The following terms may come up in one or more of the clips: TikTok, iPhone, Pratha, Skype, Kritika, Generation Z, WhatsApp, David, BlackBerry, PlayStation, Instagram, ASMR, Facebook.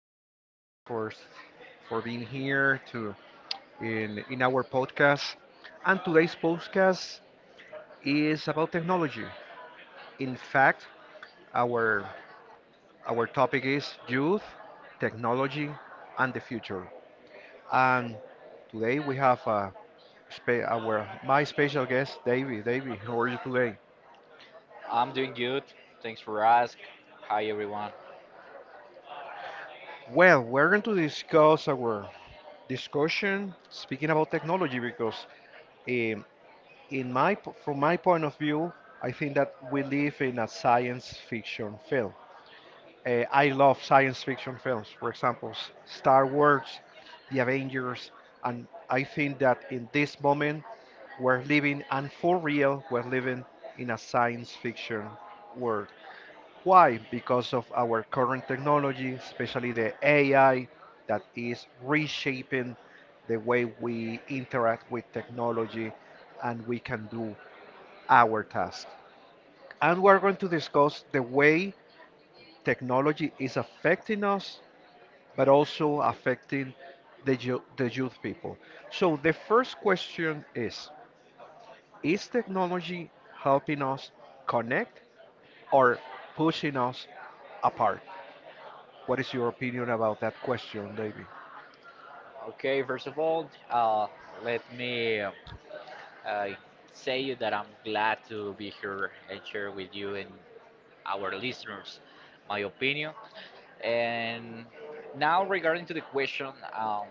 Thank you, okay, for being here to in our podcast. And today's podcast is about technology. In fact, our our topic is youth, technology, and the future. And today we have our my special guest, Davey. Davey, how are you today? I'm doing good. Thanks for asking. Hi, everyone. Well, we're going to discuss our discussion speaking about technology because. Um, in my From my point of view, I think that we live in a science fiction film. I love science fiction films. For example, Star Wars, The Avengers, and I think that in this moment we're living, and for real, we're living in a science fiction world. Why? Because of our current technology, especially the AI, that is reshaping the way we interact with technology and we can do our task. And we're going to discuss the way technology is affecting us, but also affecting the youth people. So, the first question is: Is technology helping us connect or pushing us apart? What is your opinion about that question, David? Okay, first of all, let me uh, say you that I'm glad to be here and share with you and our listeners my opinion. And now, regarding to the question,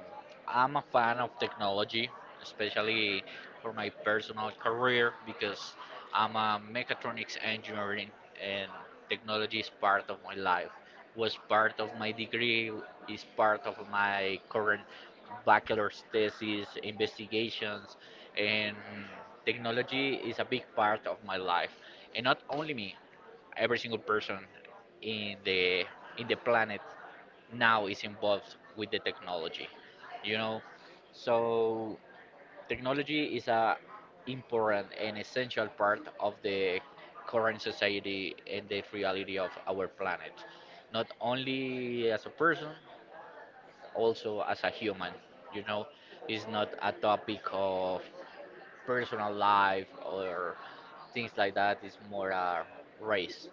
I'm a fan of technology, especially for my personal career because I'm a mechatronics engineering, and technology is part of my life. Was part of my degree, is part of my current bachelor's thesis, investigations, and technology is a big part of my life, and not only me, every single person in the planet now is involved with the technology, you know. So technology is a important and essential part of the current society and the reality of our planet, not only as a person, also as a human, you know. It's not a topic of personal life or things like that, it's more a race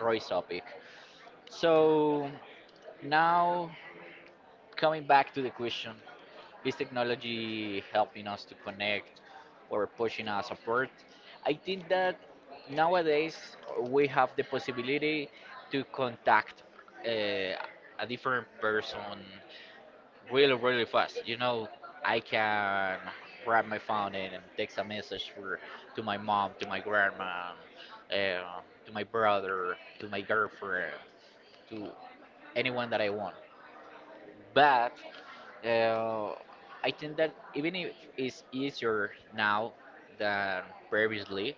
race topic. So now, coming back to the question, is technology helping us to connect or pushing us apart? I think that nowadays we have the possibility to contact uh, a different person really, really fast. You know, I can grab my phone and text a message for, to my mom, to my grandma, uh, to my brother, to my girlfriend, to anyone that I want. But uh, I think that even if it's easier now than previously,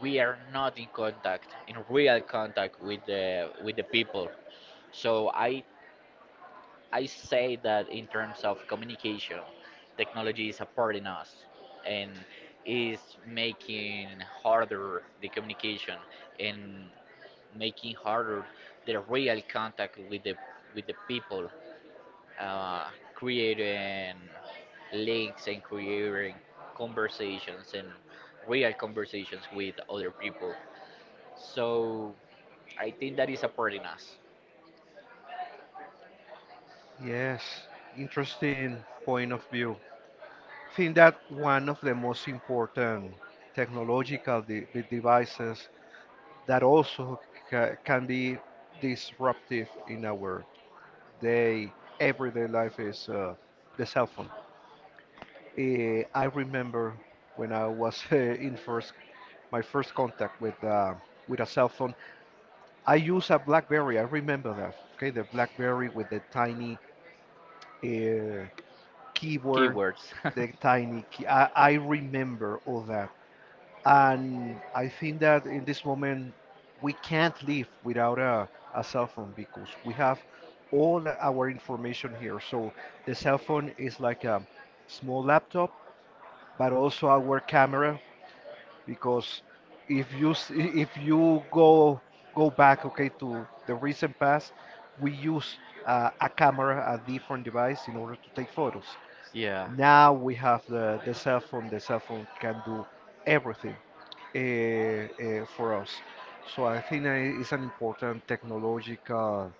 we are not in contact, in real contact with the people. So I say that in terms of communication, technology is supporting us and is making harder the communication, and making harder the real contact with the people, uh, creating links and creating conversations and real conversations with other people. So I think that is a part in us. Yes, interesting point of view. I think that one of the most important technological devices that also can be disruptive in our day everyday life is the cell phone. I remember when I was in first my first contact with a cell phone. I used a BlackBerry. I remember that. Okay, the BlackBerry with the tiny uh, keyboard, Keywords. the tiny key. I remember all that. And I think that in this moment, we can't live without a cell phone because we have all our information here. So the cell phone is like a small laptop, but also our camera because if you go back, okay, to the recent past, we use a camera, a different device in order to take photos. Yeah. Now we have the cell phone. The cell phone can do everything for us. So I think it's an important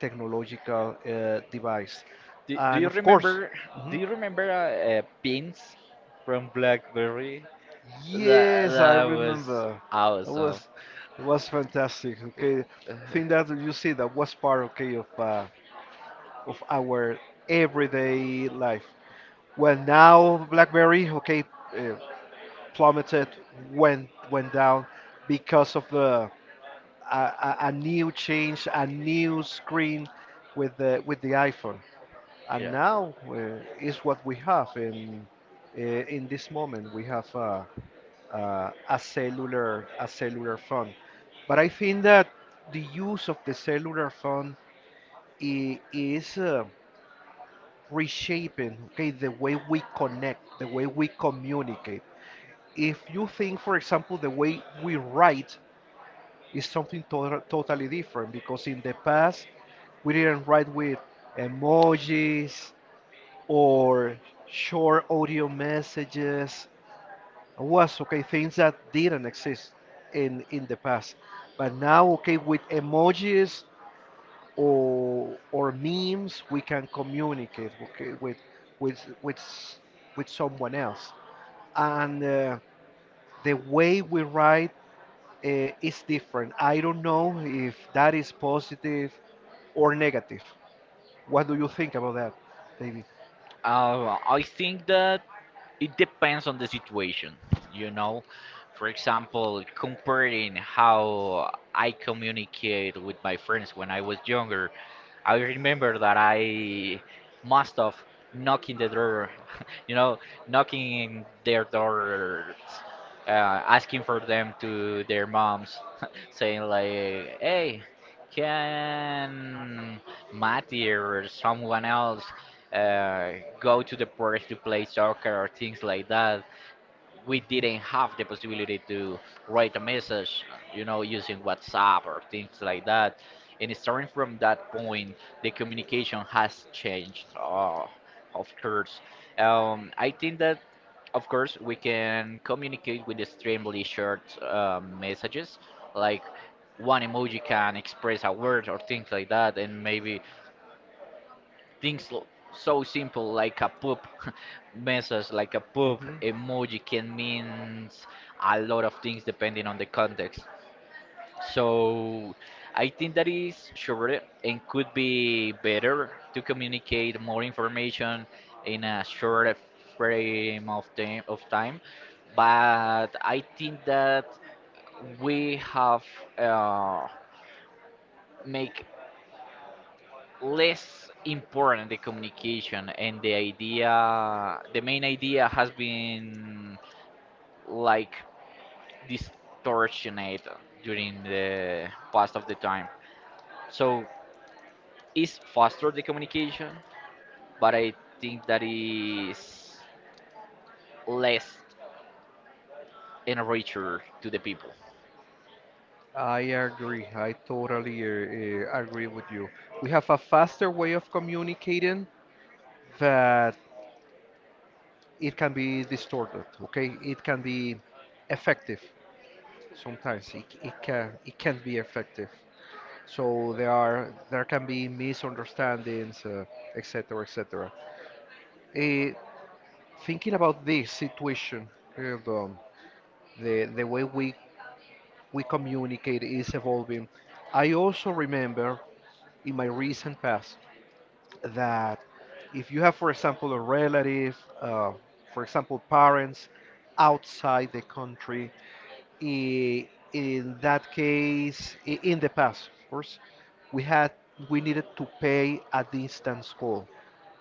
technological device. Do And you of course, remember? Do mhm. you remember pins from BlackBerry? That Yes, I that was remember. It awesome. was it was fantastic. Okay, Yeah. I think that you see that was part, okay, of our everyday life. Well, now BlackBerry, okay, uh, plummeted, went down because of the a new change, a new screen with the iPhone. And Yeah. now is what we have uh, in this moment. We have a cellular phone. But I think that the use of the cellular phone is reshaping, okay, the way we connect, the way we communicate. If you think, for example, the way we write is something totally different because in the past we didn't write with emojis or short audio messages. It was, okay, things that didn't exist in the past. But now, okay, with emojis or memes, we can communicate, okay, with with someone else. And the way we write is different. I don't know if that is positive or negative. What do you think about that, David? I think that it depends on the situation, you know. For example, comparing how I communicate with my friends when I was younger, I remember that I must have knocking the door, you know, knocking their doors, asking for them to their moms, saying like, "Hey, can Matty or someone else uh, go to the park to play soccer or things like that?" We Mhm. didn't have the possibility to write a message, you know, using WhatsApp or things like that. And starting from that point, the communication has changed, of course. I think that, of course, we can communicate with extremely short messages, like one emoji can express a word or things like that, and maybe things l- so simple like a poop message, like a poop Mhm. emoji can mean a lot of things depending on the context. So I think that is shorter and could be better to communicate more information in a shorter frame of time. But I think that we have uh, make less important the communication, and the main idea has been like distortioned during the past of the time. So it's faster the communication, but I think that is less and richer to the people. I agree. I totally agree with you. We have a faster way of communicating, that it can be distorted, okay? It can be effective. Sometimes it can it can't be effective, so there can be misunderstandings, etc., etc. Eh, Thinking about this situation and, the way we communicate is evolving. I also remember in my recent past that if you have, for example, a relative, uh, for example parents outside the country, in that case, in the past, of course, we had we needed to pay a distance call.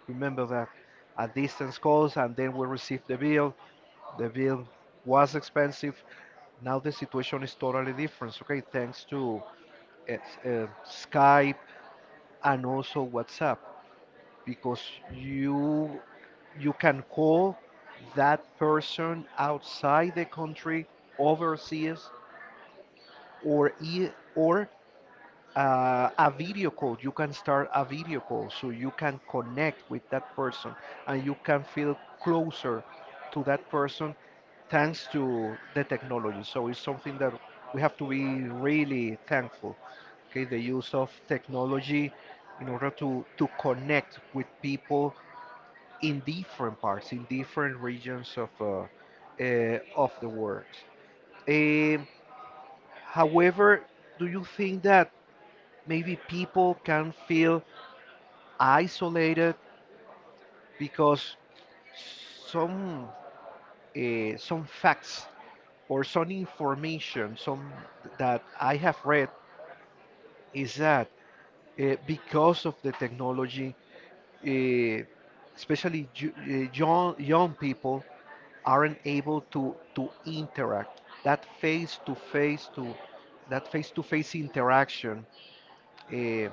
Remember that, a distance calls, and then we received the bill. The bill was expensive. Now the situation is totally different. Okay, thanks to Skype and also WhatsApp, because you you can call that person outside the country, overseas, or e- or a video call. You can start a video call so you can connect with that person and you can feel closer to that person thanks to the technology. So it's something that we have to be really thankful. Okay, the use of technology in order to connect with people in different parts, in different regions of the world. Um However, do you think that maybe people can feel isolated because some some facts or some information, some that I have read, is that because of the technology, uh, especially young people aren't able to interact, that face to face to that face to face interaction uh,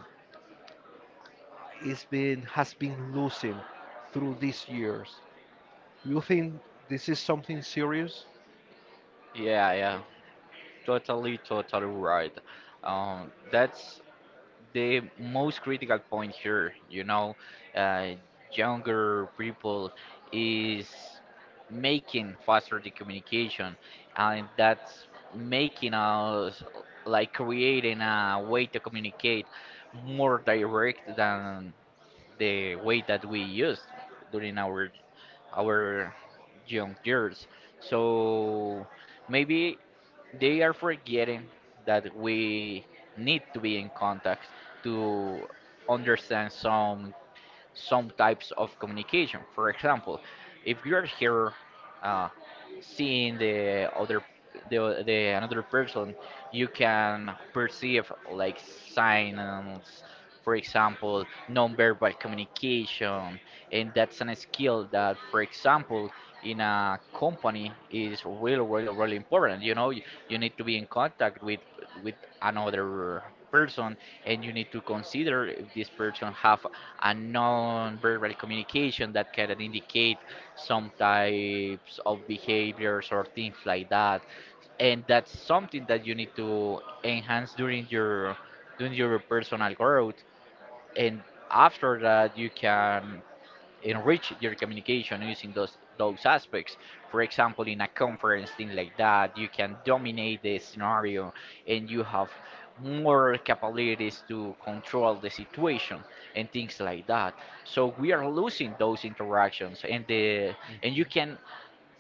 is been has been losing through these years. Do you think this is something serious? Yeah, yeah, totally right. That's the most critical point here, you know. uh, younger people is making faster the communication, and that's making us like creating a way to communicate more direct than the way that we used during our young years. So maybe they are forgetting that we need to be in contact to understand some types of communication. For example, if you are here uh, seeing the other, the another person, you can perceive like signs. For example, non-verbal communication, and that's a skill that, for example, in a company is really, really, really important. You know, you need to be in contact with another person, and you need to consider if this person have and non-verbal communication that can indicate some types of behaviors or things like that, and that's something that you need to enhance during your personal growth, and after that you can enrich your communication using those aspects. For example, in a conference thing like that, you can dominate the scenario, and you have more capabilities to control the situation and things like that. So we are losing those interactions, and the and you can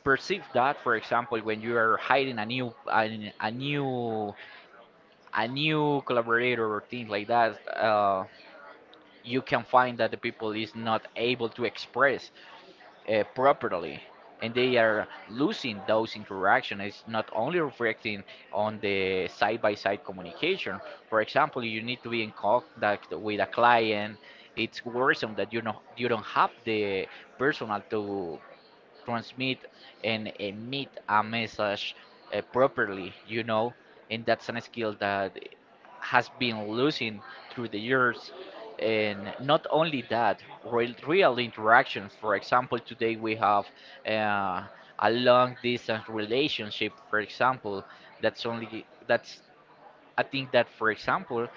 perceive that, for example, when you are hiring a new collaborator or things like that. You can find that the people is not able to express properly, and they are losing those interactions. It's not only reflecting on the side by side communication. For example, you need to be in contact with a client. It's worrisome that, you know, you don't have the personal to transmit and emit a message properly, you know, and that's a skill that has been losing through the years. And not only that, real, real interactions. For example, today we have uh, a long distance relationship, for example, that's only that's I think that, for example,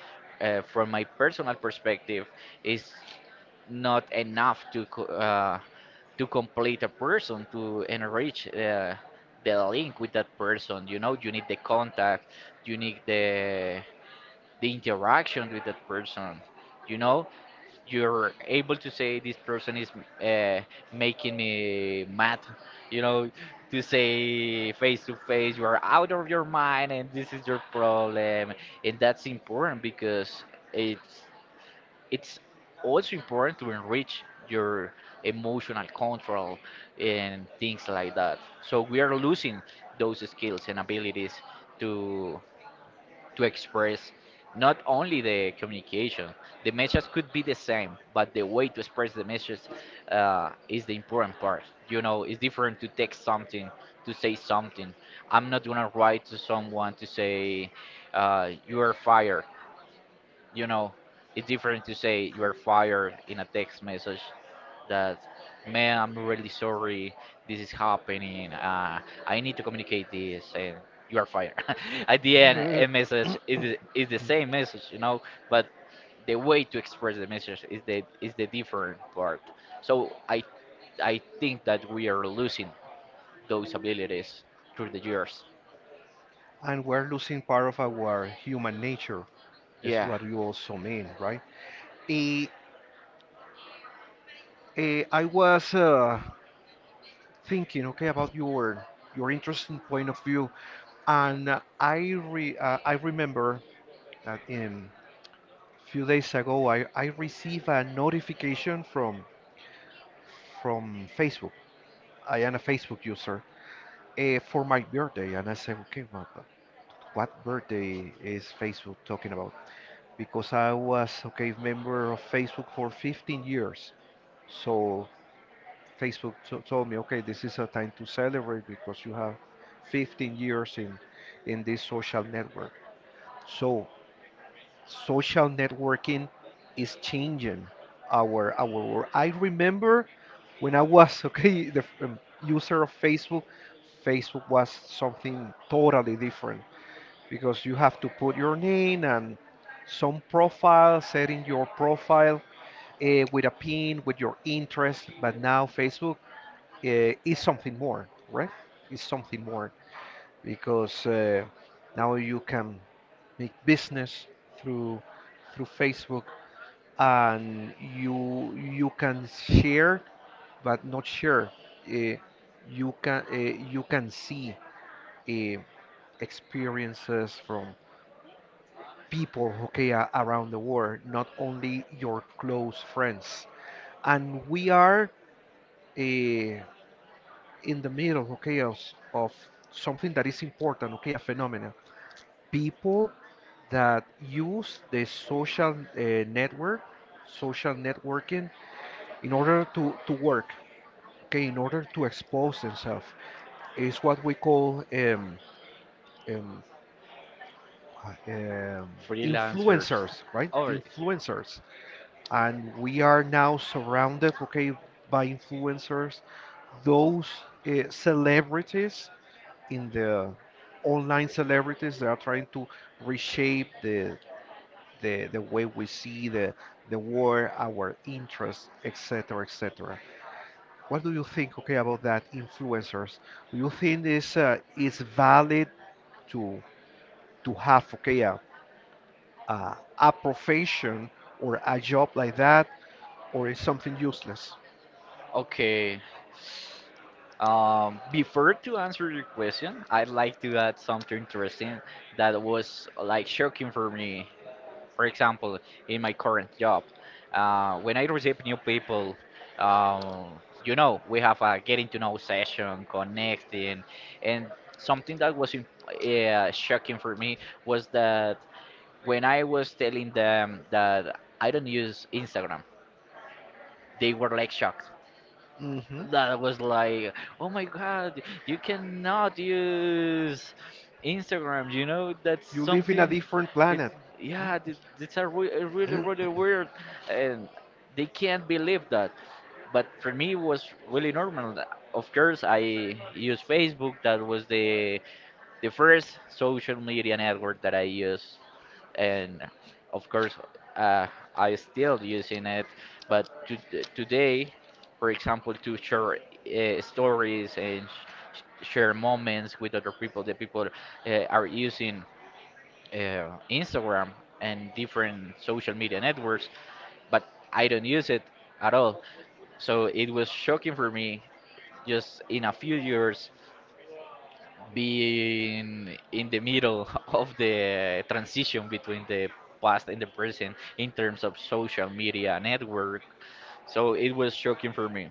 from my personal perspective, is not enough to to complete a person, to enrich the link with that person. You know, you need the contact, you need the interaction with that person. You know, you're able to say this person is uh, making me mad, you know, to say face to face you are out of your mind and this is your problem. And that's important because it's it's also important to enrich your emotional control and things like that. So we are losing those skills and abilities to to express, not only the communication. The message could be the same, but the way to express the message is the important part. You know, it's different to text something, to say something. I'm not gonna write to someone to say you are fired, you know, it's different to say you are fired in a text message that, man, I'm really sorry, this is happening, I need to communicate this, and you are fired. At the end, a Mhm. message is is the same message, you know, but the way to express the message is the different part. So I think that we are losing those abilities through the years. And we're losing part of our human nature, is Yeah, what you also mean, right? Eh, I was thinking, okay, about your interesting point of view, and I remember that in few days ago I received a notification from Facebook. I am a Facebook user for my birthday, and I said, okay, what birthday is Facebook talking about? Because I was a, okay, member of Facebook for 15 years. So Facebook to told me, okay, this is a time to celebrate because you have 15 years in this social network. So social networking is changing our world. I remember when I was okay the user of Facebook, Facebook was something totally different because you have to put your name and some profile, setting your profile with a pin, with your interest. But now Facebook is something more, right? It's something more because now you can make business through through Facebook and you can share but not share. Uh, you can see uh, experiences from people who care around the world, not only your close friends. And we are in the middle, okay, of something that is important, okay, a phenomenon. People that use the social uh, network, social networking, in order to work, okay, in order to expose themselves. Is what we call um, uh, um, freelancers. influencers, right? Oh, Influencers, and we are now surrounded, okay, by influencers, those celebrities in the online celebrities that are trying to reshape the way we see the world, our interests, et cetera, et cetera. What do you think, okay, about that influencers? Do you think this is valid to to have, okay, a profession or a job like that, or is something useless? okay. Before to answer your question, I'd like to add something interesting that was like shocking for me. For example, in my current job, when I receive new people, you know, we have a getting to know session, connecting, and something that was shocking for me was that when I was telling them that I don't use Instagram, they were like shocked. Hmm. That was like, oh my god, you cannot use Instagram. You know, that's You live in a something. different It's planet. yeah, it's a really really weird, and they can't believe that. But for me, it was really normal. Of course, I used Facebook. That was the first social media network that I use, and of course, uh, I still using it. But today, for example, to share stories and share moments with other people, the people are using Instagram and different social media networks, but I don't use it at all. So it was shocking for me, just in a few years being in the middle of the transition between the past and the present in terms of social media network. So it was shocking for me.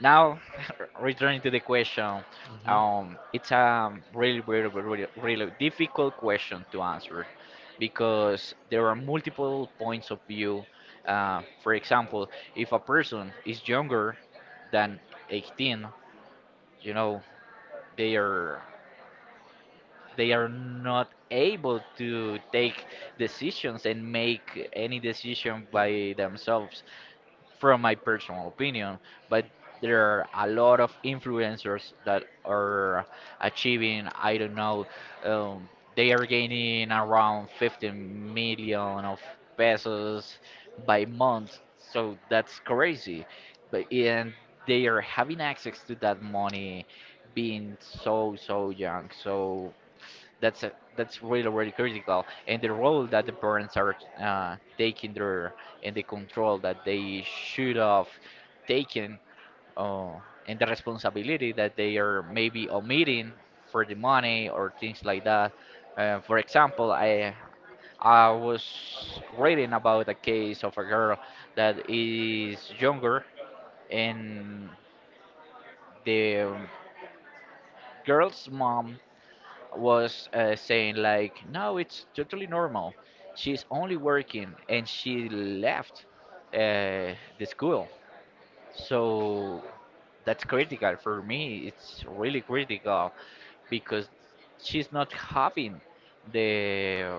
Now, returning to the question, Mhm. It's a really, really, really, really difficult question to answer because there are multiple points of view. For example, if a person is younger than 18, you know, they are they are not able to take decisions and make any decision by themselves, from my personal opinion. But there are a lot of influencers that are achieving, I don't know, um, they are gaining around 15 million of pesos by month, so that's crazy. But and they are having access to that money, being so young. So that's really really critical, and the role that the parents are taking there, and the control that they should have taken, uh, and the responsibility that they are maybe omitting for the money or things like that. For example, i was reading about a case of a girl that is younger, and the girl's mom was saying like, no, it's totally normal. She's only working, and she left the school. So that's critical for me. It's really critical because she's not having the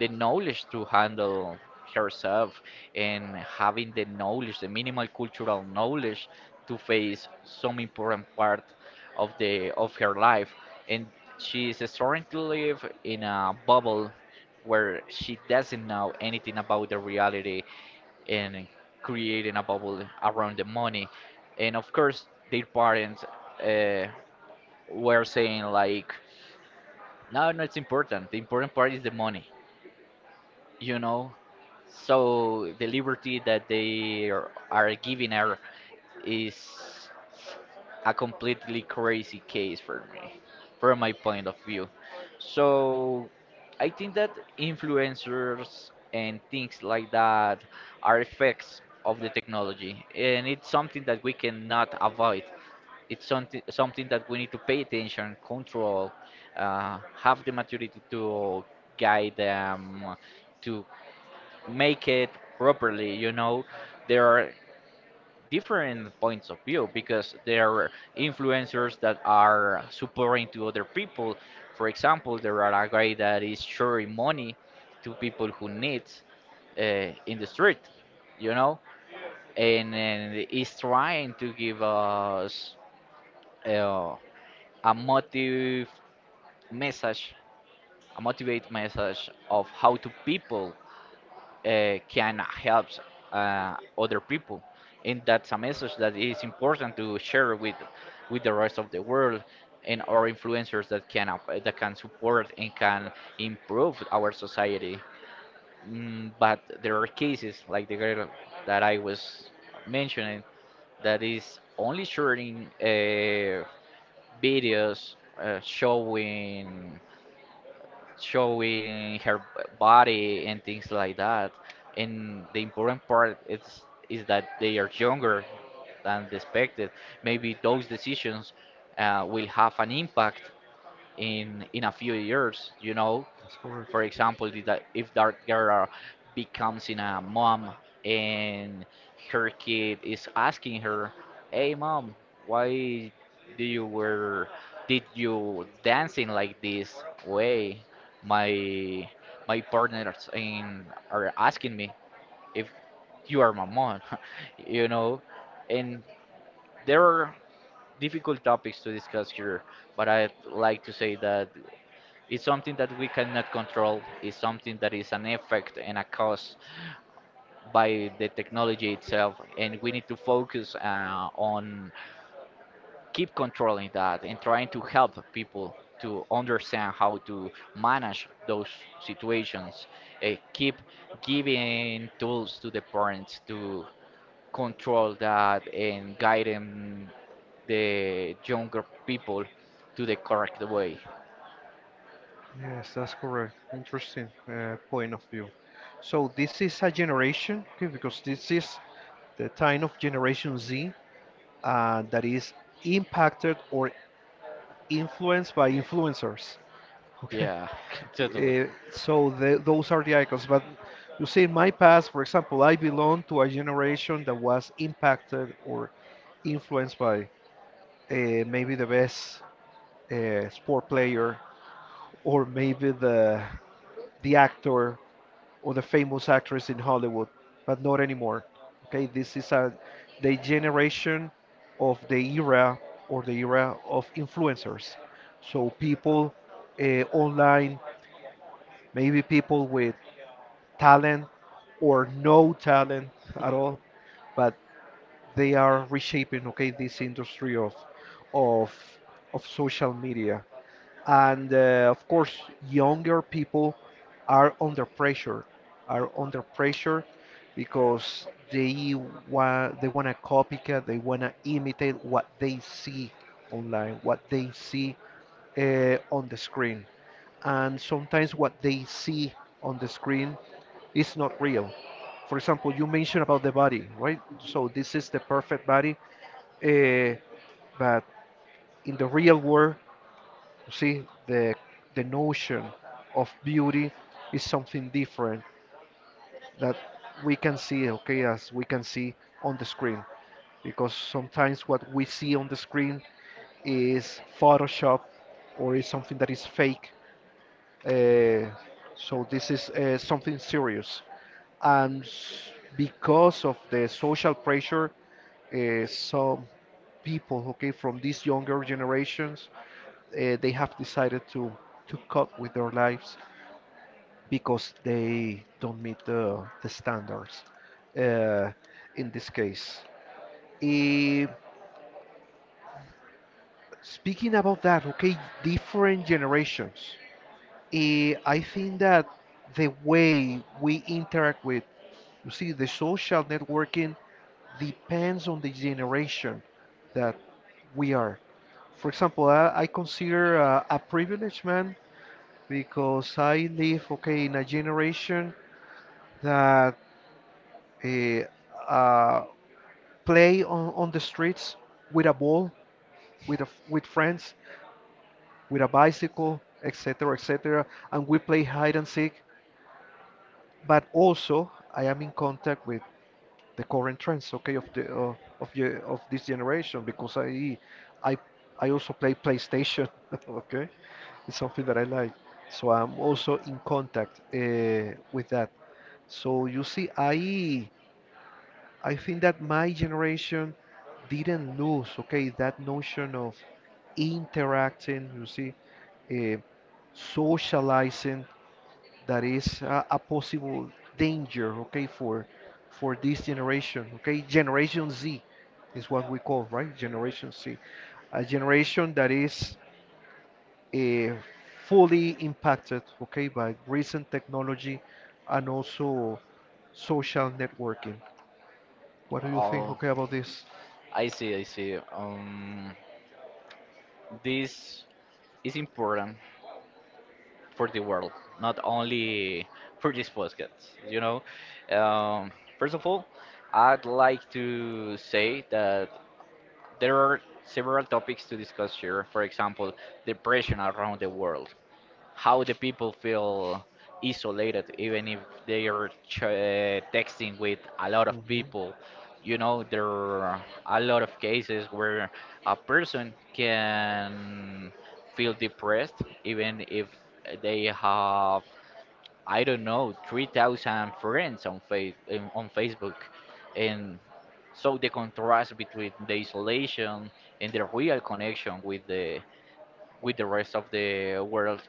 the knowledge to handle herself and having the knowledge, the minimal cultural knowledge to face some important part of the of her life. And she is starting to live in a bubble where she doesn't know anything about the reality and creating a bubble around the money. And of course, their parents uh, were saying like, no, no, it's important. The important part is the money you know. So the liberty that they are giving her is a completely crazy case for me, from my point of view. So I think that influencers and things like that are effects of the technology, and it's something that we cannot avoid. It's something that we need to pay attention, control, have the maturity to guide them, to make it properly. There are different points of view because there are influencers that are supporting to other people. For example, there are a guy that is sharing money to people who needs, in the street you know and is trying to give us uh, a motive message, a motivate message of how to people can help other people. And that's a message that is important to share with the rest of the world, and our influencers that can that can support and can improve our society. But there are cases like the girl that I was mentioning, that is only sharing videos showing her body and things like that. And the important part is that they are younger than they expected. Maybe those decisions will have an impact in a few years, you know. That's correct. For example, if that girl becomes in a mom and her kid is asking her, "Hey, mom, why do you were did you dancing like this way? My my partners in are asking me if you are my mom," you know, and there are difficult topics to discuss here, but I'd like to say that it's something that we cannot control. It's something that is an effect and a cause by the technology itself, and we need to focus on keep controlling that and trying to help people to understand how to manage those situations. Keep giving tools to the parents to control that and guiding the younger people to the correct way. Yes, that's correct. Interesting point of view. So this is a generation, okay, because this is the time of Generation Z that is impacted or influenced by influencers. Okay. Yeah, totally. So the, those are the icons. But you see, in my past, for example, I belong to a generation that was impacted or influenced by maybe the best sport player or maybe the actor or the famous actress in Hollywood, but not anymore. Okay, this is a the generation of the era or the era of influencers. So people online, maybe people with talent or no talent at all, but they are reshaping, okay, this industry of of of social media, and of course younger people are under pressure, are under pressure because they want to copycat, they want to imitate what they see online, what they see on the screen. And sometimes what they see on the screen is not real. For example, you mentioned about the body, right? So this is the perfect body, uh, but in the real world, see, the notion of beauty is something different that we can see, okay, as we can see on the screen. Because sometimes what we see on the screen is Photoshop or is something that is fake. Uh, so this is something serious. And s- because of the social pressure, some people, okay, from these younger generations they have decided to cut with their lives because they don't meet the standards uh, in this case. Eh, Speaking about that, okay, different generations. I think that the way we interact with, you see, the social networking depends on the generation that we are. For example, I consider a privileged man because I live, okay, in a generation that eh, uh, play on the streets with a ball, with with friends, with a bicycle, etc., etc., and we play hide and seek. But also, I am in contact with the current trends, okay, of the of this generation because I I also play PlayStation, okay. It's something that I like, so I'm also in contact with that. So you see, I think that my generation didn't lose, okay, that notion of interacting, you see, uh, socializing, that is a possible danger, okay, for this generation, okay? Generation Z is what we call, right? Generation Z, a generation that is uh, fully impacted, okay, by recent technology and also social networking. What do you think, Oh, okay, about this? I see, I see. This is important for the world, not only for this podcast, you know. Um, First of all, I'd like to say that there are several topics to discuss here. For example, depression around the world. How the people feel isolated even if they are texting with a lot of Mhm. people. You know, there are a lot of cases where a person can feel depressed even if they have, I don't know, 3000 friends on face on Facebook. And so the contrast between the isolation and the real connection with the rest of the world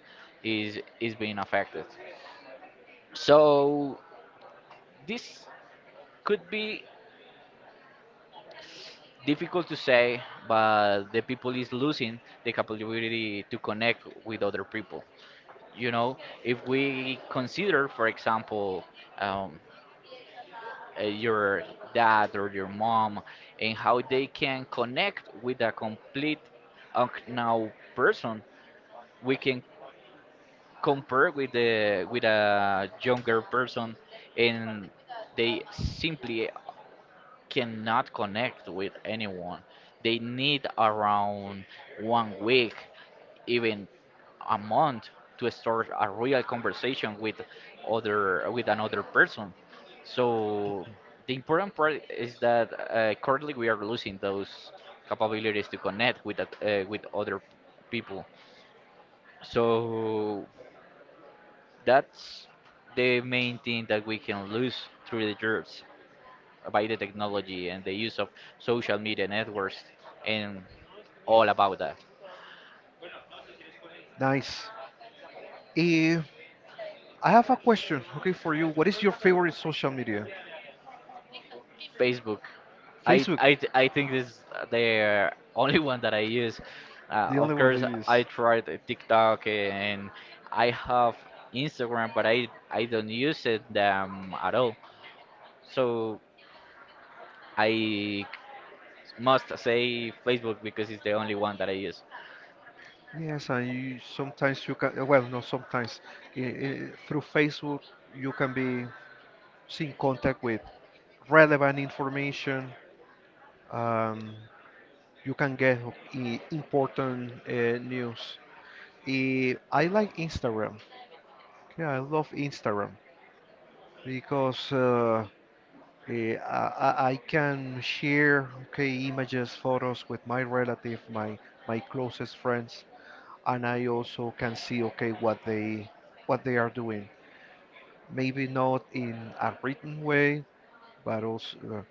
is being affected. So this could be difficult to say, but the people is losing the capability to connect with other people. You know, if we consider, for example, um, your dad or your mom, and how they can connect with a complete unknown person, we can compare with the with a younger person, and they simply cannot connect with anyone. They need around 1 week, even a month, to start a real conversation with other with another person. So the important part is that currently we are losing those capabilities to connect with that, with other people. So that's the main thing that we can lose through the years by the technology and the use of social media networks and all about that. Nice. Eh, I have a question, okay, for you. What is your favorite social media? Facebook, I Facebook, I I think this is the only one that I use. The only Of one they course, use. I tried TikTok and I have Instagram, but I don't use it at all. So I must say Facebook because it's the only one that I use. Yes, and you sometimes you can, well, no, sometimes through Facebook you can be in contact with relevant information. Um, you can get important news. I like Instagram. Yeah, I love Instagram because I can share, okay, images, photos with my relative, my closest friends, and I also can see, okay, what they are doing. Maybe not in a written way, but also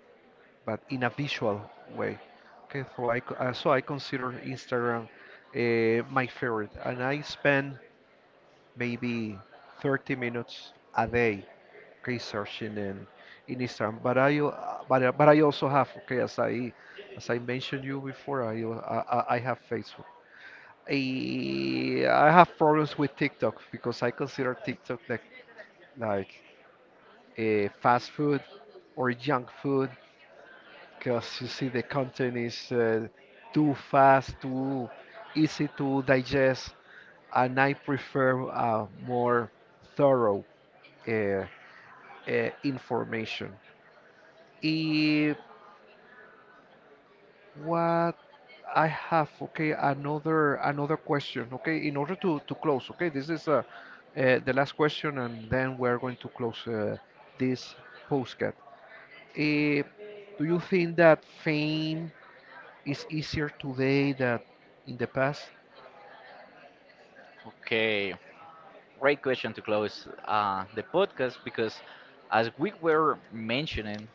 but in a visual way. Okay, so I consider Instagram my favorite, and I spend maybe 30 minutes a day, okay, searching in Instagram. But but I also have, okay, as as I mentioned you before, I have Facebook. I have problems with TikTok because I consider TikTok like, like fast food or junk food because you see the content is too fast, too easy to digest, and I prefer more thorough uh, information. What I have, okay, another question, okay, in order to close, okay, this is the last question, and then we're going to close this postcard. Uh, do you think that fame is easier today than in the past? Okay, great question to close the podcast because, as we were mentioning,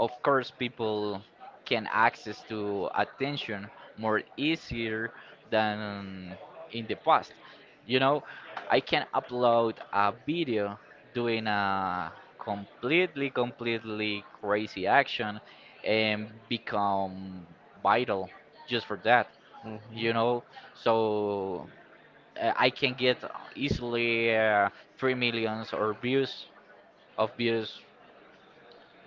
of course, people can access to attention more easier than in the past. You know, I can upload a video doing a completely, completely crazy action and become vital just for that. Hmm. You know, so I can get easily three millions or views of views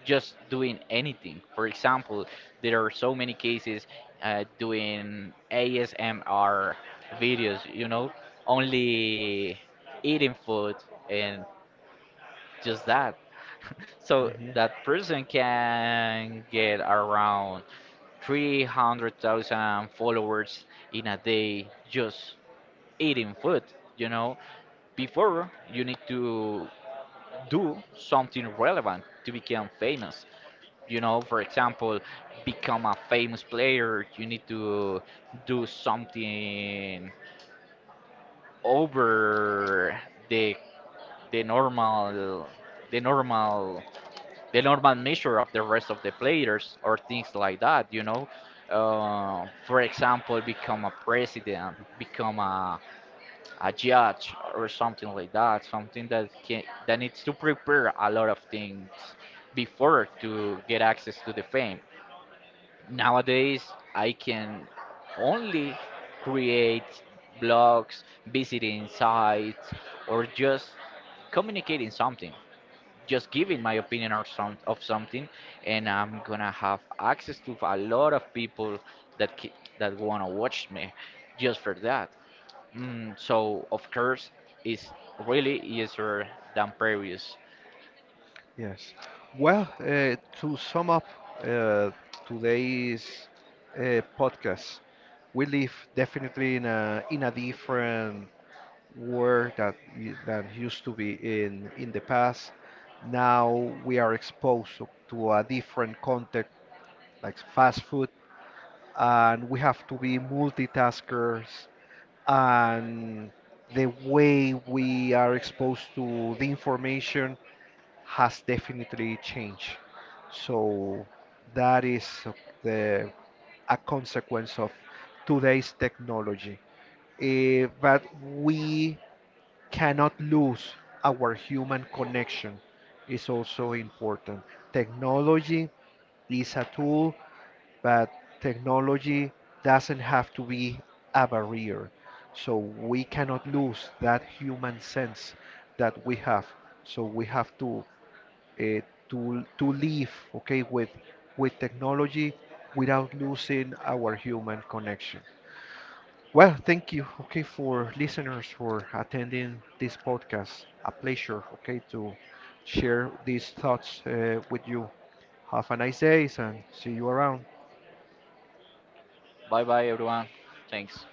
just doing anything. For example, there are so many cases doing ASMR videos, you know, only eating food and just that. So Hmm. that person can get around 300,000 followers in a day just eating food, you know. Before, you need to do something relevant to become famous. You know, for example, become a famous player, you need to do something over the the normal the normal the normal measure of the rest of the players or things like that, you know. For example, become a president, become a judge or something like that, something that can that needs to prepare a lot of things before to get access to the fame. Nowadays, I can only create blogs, visiting sites, or just communicating something, just giving my opinion or some of something, and I'm gonna have access to a lot of people that that wanna watch me just for that. So of course, it's really easier than previous. Yes. Well, to sum up uh, today's podcast, we live definitely in a different world that than used to be in the past. Now we are exposed to a different context, like fast food, and we have to be multitaskers. And the way we are exposed to the information has definitely changed. So that is a- the a consequence of today's technology. But we cannot lose our human connection is also important. Technology is a tool, but technology doesn't have to be a barrier. So we cannot lose that human sense that we have. So we have uh, to live, okay, with technology without losing our human connection. Well, thank you, okay, for listeners for attending this podcast. A pleasure, okay, to share these thoughts with you. Have a nice day and see you around. Bye bye, everyone. Thanks.